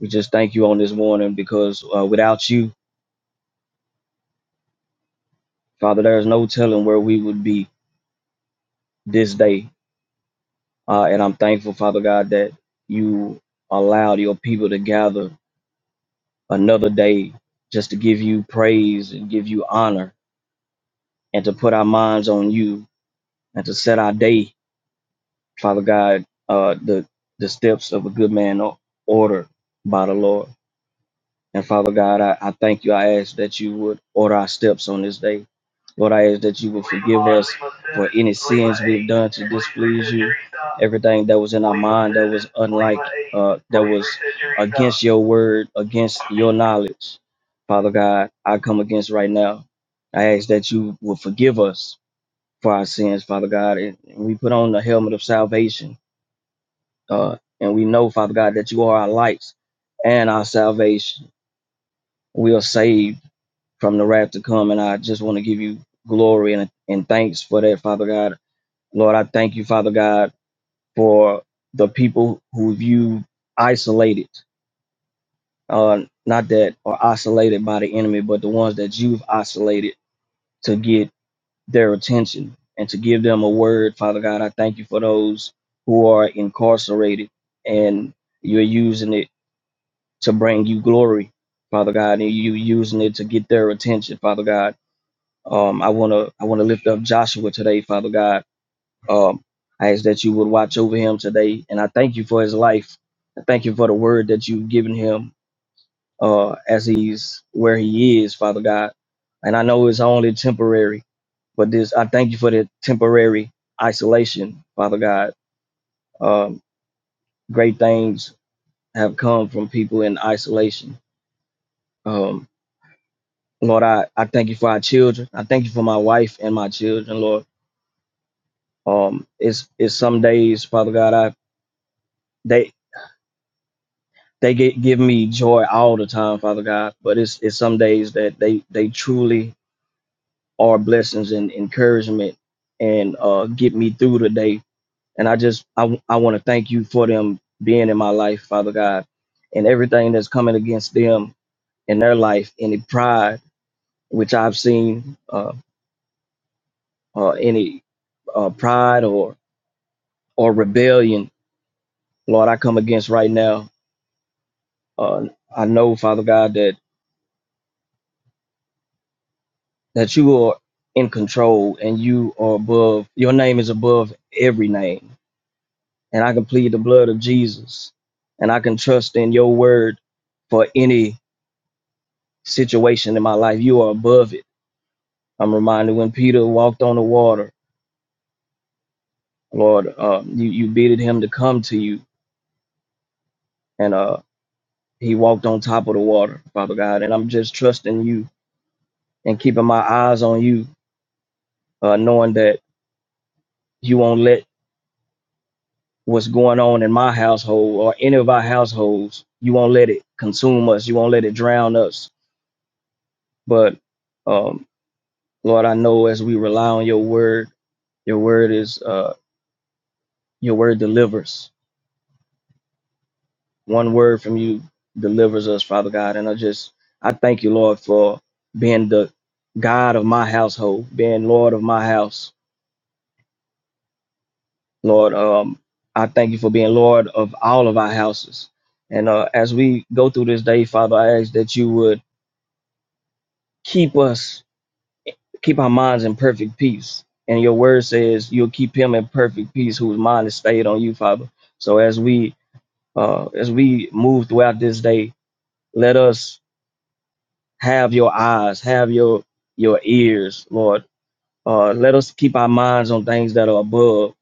S5: We just thank you on this morning because uh, without you, Father, there is no telling where we would be this day. Uh, and I'm thankful, Father God, that you allowed your people to gather another day just to give you praise and give you honor and to put our minds on you and to set our day Father God, uh, the the steps of a good man are ordered by the Lord. And Father God, I, I thank you. I ask that you would order our steps on this day. Lord, I ask that you would forgive us for any sins we've done to displease you. Everything that was in our mind that was unlike, uh, that was against your word, against your knowledge. Father God, I come against right now. I ask that you will forgive us for our sins, Father God. And we put on the helmet of salvation uh, and we know, Father God, that you are our lights and our salvation. We are saved from the wrath to come. And I just want to give you glory and, and thanks for that, Father God. Lord, I thank you, Father God, for the people who you isolated, uh, not that are isolated by the enemy, but the ones that you've isolated to get their attention and to give them a word, Father God. I thank you for those who are incarcerated and you're using it to bring you glory, Father God, and you using it to get their attention, Father God. Um, I wanna I wanna lift up Joshua today, Father God. Um, I ask that you would watch over him today, and I thank you for his life. I thank you for the word that you've given him uh, as he's where he is, Father God. And I know it's only temporary, but this I thank you for the temporary isolation, Father God. Um, great things have come from people in isolation. Um. Lord, I, I thank you for our children. I thank you for my wife and my children, Lord. Um, it's it's some days, Father God, I they they get, give me joy all the time, Father God. But it's it's some days that they they truly are blessings and encouragement and uh get me through the day. And I just I I want to thank you for them being in my life, Father God, and everything that's coming against them in their life, any pride which I've seen, uh, uh any uh, pride or or rebellion, Lord, I come against right now. Uh, I know, Father God, that that you are in control and you are above. Your name is above every name, and I can plead the blood of Jesus, and I can trust in your word for any situation in my life. You are above it. I'm reminded when Peter walked on the water, Lord, uh, you you bidded him to come to you, and uh, he walked on top of the water, Father God. And I'm just trusting you and keeping my eyes on you uh, knowing that you won't let what's going on in my household or any of our households, you won't let it consume us, you won't let it drown us. But um, Lord, I know as we rely on your word, your word is uh, your word delivers. One word from you delivers us, Father God. And I just I thank you, Lord, for being the God of my household, being Lord of my house Lord, um, I thank you for being Lord of all of our houses. And uh, as we go through this day, Father, I ask that you would keep us, keep our minds in perfect peace. And your word says you'll keep him in perfect peace whose mind is stayed on you, Father. So as we uh, as we move throughout this day, let us have your eyes, have your your ears, Lord. Uh, let us keep our minds on things that are above.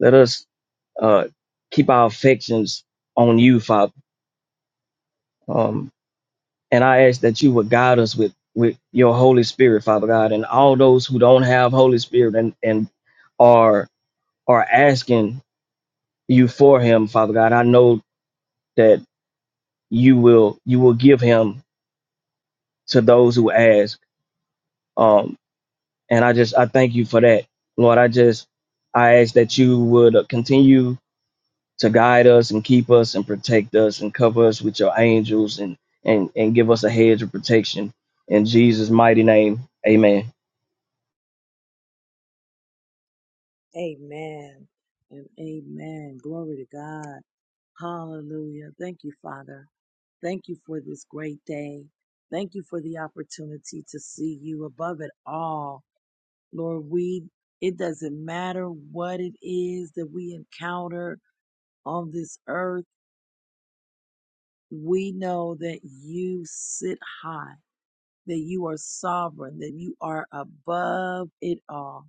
S5: Let us uh, keep our affections on you, Father Um, and I ask that you would guide us with with your Holy Spirit, Father God, and all those who don't have Holy Spirit and and are are asking you for Him, Father God. I know that you will you will give Him to those who ask. Um, and I just I thank you for that, Lord. I just I ask that you would uh, continue to guide us and keep us and protect us and cover us with your angels and and and give us a hedge of protection in Jesus' mighty name. Amen.
S1: Amen. And amen. Glory to God. Hallelujah. Thank you, Father. Thank you for this great day. Thank you for the opportunity to see you above it all. Lord, we, it doesn't matter what it is that we encounter on this earth. We know that you sit high that you are sovereign, that you are above it all.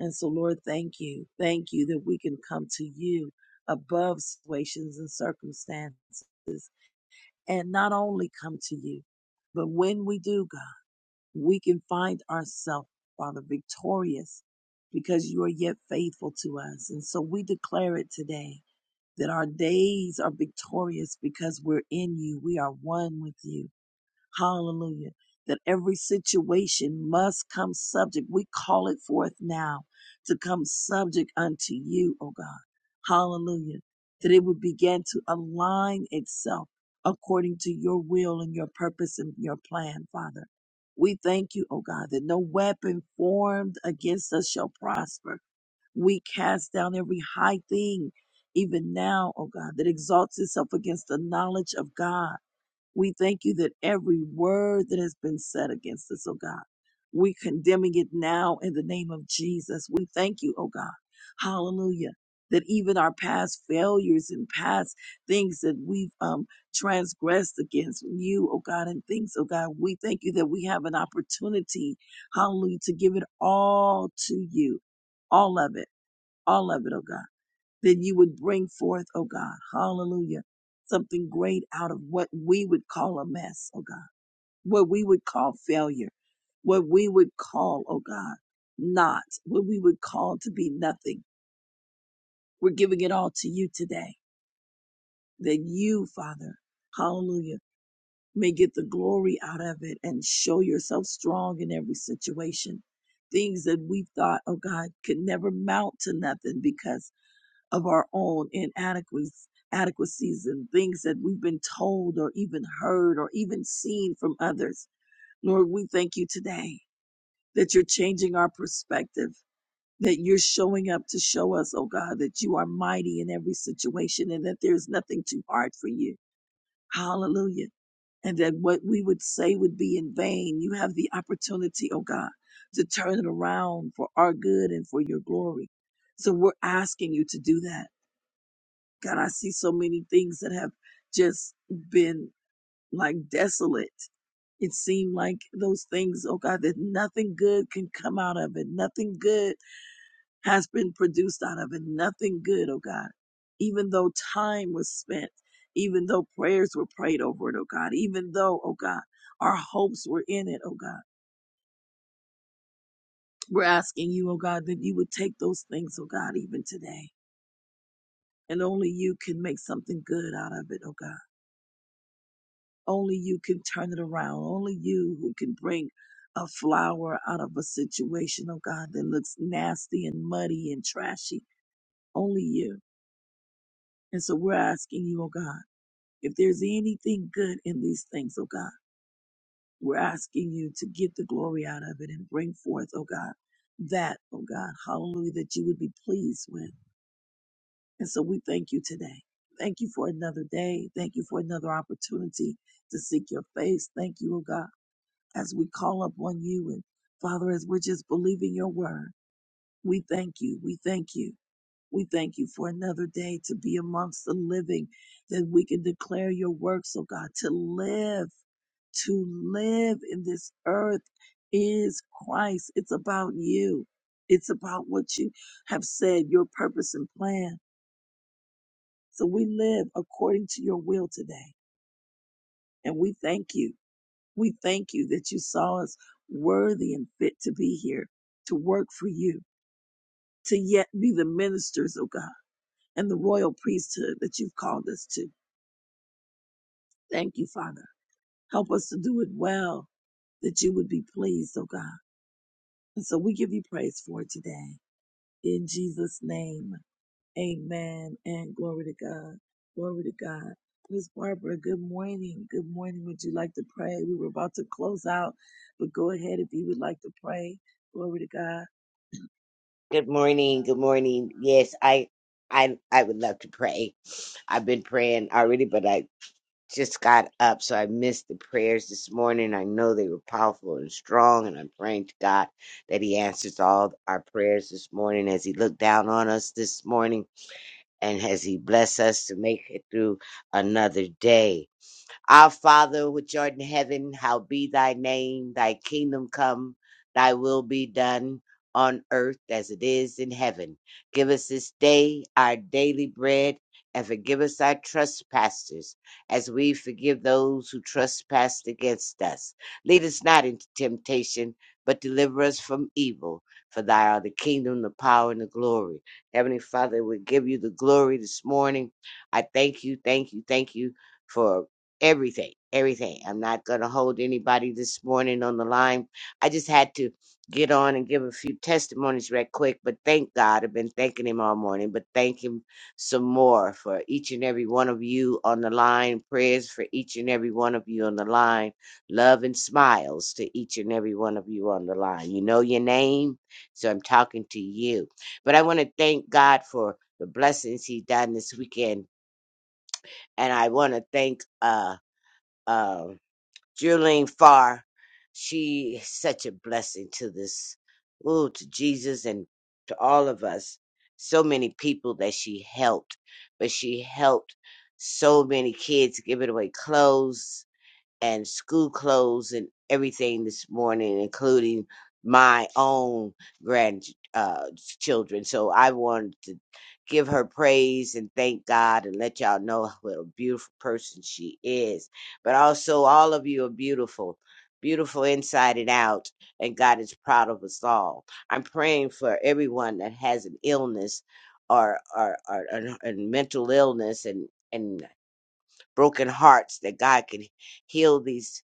S1: And so, Lord, thank you. Thank you that we can come to you above situations and circumstances and not only come to you, but when we do, God, we can find ourselves, Father, victorious because you are yet faithful to us. And so we declare it today that our days are victorious because we're in you. We are one with you. Hallelujah. That every situation must come subject. We call it forth now to come subject unto you, O God. Hallelujah. That it would begin to align itself according to your will and your purpose and your plan, Father. We thank you, O God, that no weapon formed against us shall prosper. We cast down every high thing, even now, O God, that exalts itself against the knowledge of God we thank you that every word that has been said against us, oh God, we condemning it now in the name of Jesus. We thank you, oh God. Hallelujah. That even our past failures and past things that we've um, transgressed against you, oh God, and things, oh God, we thank you that we have an opportunity, hallelujah, to give it all to you, all of it, all of it, oh God that you would bring forth, oh God, hallelujah, something great out of what we would call a mess, oh God, what we would call failure, what we would call, oh God, not, what we would call to be nothing. We're giving it all to you today, that you, Father, hallelujah, may get the glory out of it and show yourself strong in every situation. Things that we thought, oh God, could never mount to nothing because of our own inadequacies adequacies and things that we've been told or even heard or even seen from others. Lord, we thank you today that you're changing our perspective, that you're showing up to show us, oh God, that you are mighty in every situation and that there's nothing too hard for you. Hallelujah. And that what we would say would be in vain. You have the opportunity, oh God, to turn it around for our good and for your glory. So we're asking you to do that. God, I see so many things that have just been like desolate. It seemed like those things, oh God, that nothing good can come out of it. Nothing good has been produced out of it. Nothing good, oh God. Even though time was spent, even though prayers were prayed over it, oh God, even though, oh God, our hopes were in it, oh God. We're asking you, oh God, that you would take those things, oh God, even today. And only you can make something good out of it, oh God. Only you can turn it around. Only you who can bring a flower out of a situation, oh God, that looks nasty and muddy and trashy. Only you. And so we're asking you, oh God, if there's anything good in these things, oh God, we're asking you to get the glory out of it and bring forth, oh God, that, oh God, hallelujah, that you would be pleased with. And so we thank you today. Thank you for another day. Thank you for another opportunity to seek your face. Thank you, oh God as we call upon you and Father, as we're just believing your word, we thank you. We thank you. We thank you for another day to be amongst the living, that we can declare your works, oh God, to live, to live in this earth is Christ. It's about you. It's about what you have said, your purpose and plan. So we live according to your will today. And we thank you. We thank you that you saw us worthy and fit to be here, to work for you, to yet be the ministers of God and the royal priesthood that you've called us to. Thank you, Father. Help us to do it well, that you would be pleased, oh God. And so we give you praise for it today. In Jesus' name. Amen. And glory to God. Glory to God. Miss Barbara, good morning. Good morning. Would you like to pray? We were about to close out, but go ahead if you would like to pray. Glory to God.
S7: Good morning. Good morning. Yes, I, I, I would love to pray. I've been praying already, but I just got up, so I missed the prayers this morning. I know they were powerful and strong, and I'm praying to God that He answers all our prayers this morning as He looked down on us this morning and as He bless us to make it through another day. Our Father, which art in heaven, how be thy name, thy kingdom come, thy will be done on earth as it is in heaven. Give us this day our daily bread and forgive us our trespasses as we forgive those who trespass against us. Lead us not into temptation, but deliver us from evil. For thy are the kingdom, the power, and the glory. Heavenly Father, we give you the glory this morning. I thank you, thank you, thank you for everything, everything. I'm not going to hold anybody this morning on the line. I just had to get on and give a few testimonies right quick, but thank God. I've been thanking him all morning, but thank him some more for each and every one of you on the line. Prayers for each and every one of you on the line. Love and smiles to each and every one of you on the line. You know your name, so I'm talking to you. But I want to thank God for the blessings he done this weekend. And I want to thank uh um. Geraldine Farr. She is such a blessing to this, ooh, to Jesus and to all of us. So many people that she helped, but she helped so many kids giving away clothes, and school clothes and everything this morning, including my own grand uh, children. So I wanted to give her praise and thank God and let y'all know what a beautiful person she is. But also, all of you are beautiful, beautiful inside and out, and God is proud of us all. I'm praying for everyone that has an illness or or, or, or and mental illness and and broken hearts that God can heal these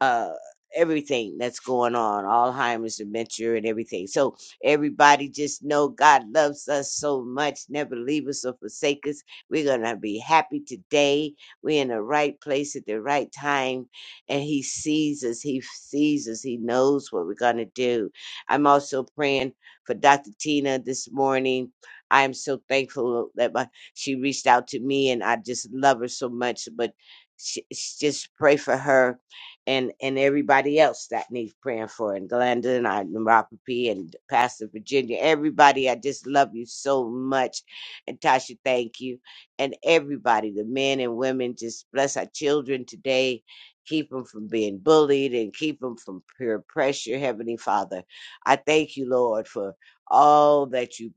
S7: uh everything that's going on alzheimer's dementia and everything so everybody just know god loves us so much never leave us or forsake us we're gonna be happy today we're in the right place at the right time and he sees us he sees us he knows what we're gonna do i'm also praying for dr tina this morning i am so thankful that my, she reached out to me and i just love her so much but she, she- just pray for her and and everybody else that needs praying for, and Glenda and I, neuropathy and Pastor Virginia, everybody. I just love you so much, and Tasha, thank you, and everybody, the men and women. Just bless our children today. Keep them from being bullied and keep them from peer pressure, Heavenly Father. I thank you, Lord, for all that you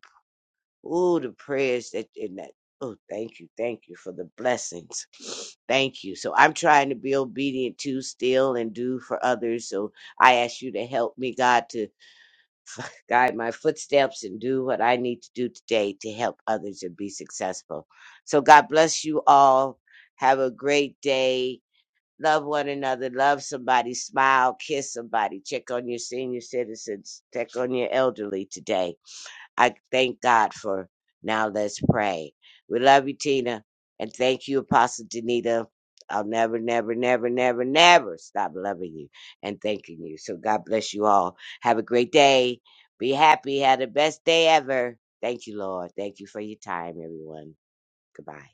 S7: Ooh, the prayers that in that. Oh, thank you, thank you for the blessings. (sniffs) Thank you. So I'm trying to be obedient to still and do for others. So I ask you to help me, God, to guide my footsteps and do what I need to do today to help others and be successful. So God bless you all. Have a great day. Love one another. Love somebody. Smile. Kiss somebody. Check on your senior citizens. Check on your elderly today I thank God for now. Let's pray. We love you, Tina, and thank you, Apostle Danita. I'll never, never, never, never, never stop loving you and thanking you. So God bless you all. Have a great day. Be happy. Have the best day ever. Thank you, Lord. Thank you for your time, everyone. Goodbye.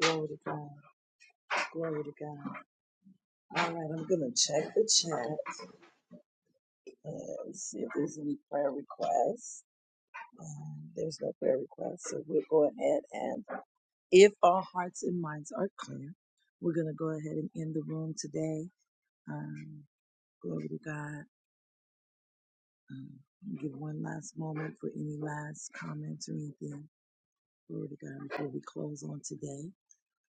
S1: Glory to God. Glory to God. All right, I'm going to check the chat and see if there's any prayer requests. Um, there's no prayer requests, so we'll go ahead and if our hearts and minds are clear, we're going to go ahead and end the room today. Um, Glory to God. Um, I'll give one last moment for any last comments or anything. Glory to God before we close on today.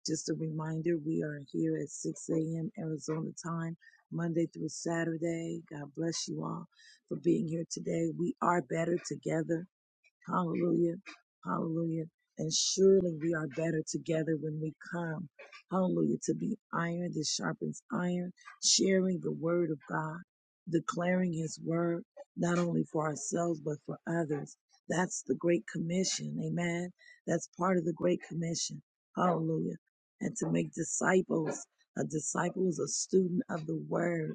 S1: Just a reminder, we are here at 6 a.m. Arizona time, Monday through Saturday. God bless you all for being here today. We are better together. Hallelujah. Hallelujah. And surely we are better together when we come. Hallelujah. To be iron that sharpens iron, sharing the word of God, declaring his word, not only for ourselves, but for others. That's the Great Commission. Amen. That's part of the Great Commission. Hallelujah. And to make disciples. A disciple is a student of the word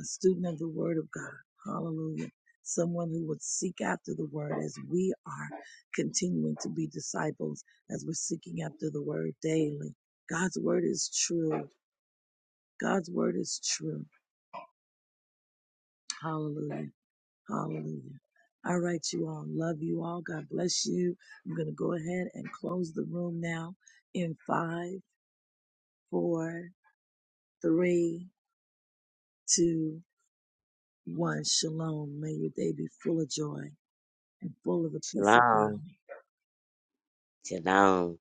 S1: a student of the Word of God. Hallelujah. Someone who would seek after the Word as we are continuing to be disciples, as we're seeking after the Word daily. God's Word is true. God's Word is true. Hallelujah. Hallelujah. All right, you all. Love you all. God bless you. I'm going to go ahead and close the room now in five, four, three, two, one. Shalom. May your day be full of joy and full of the peace of
S7: Shalom.
S1: God.
S7: Shalom.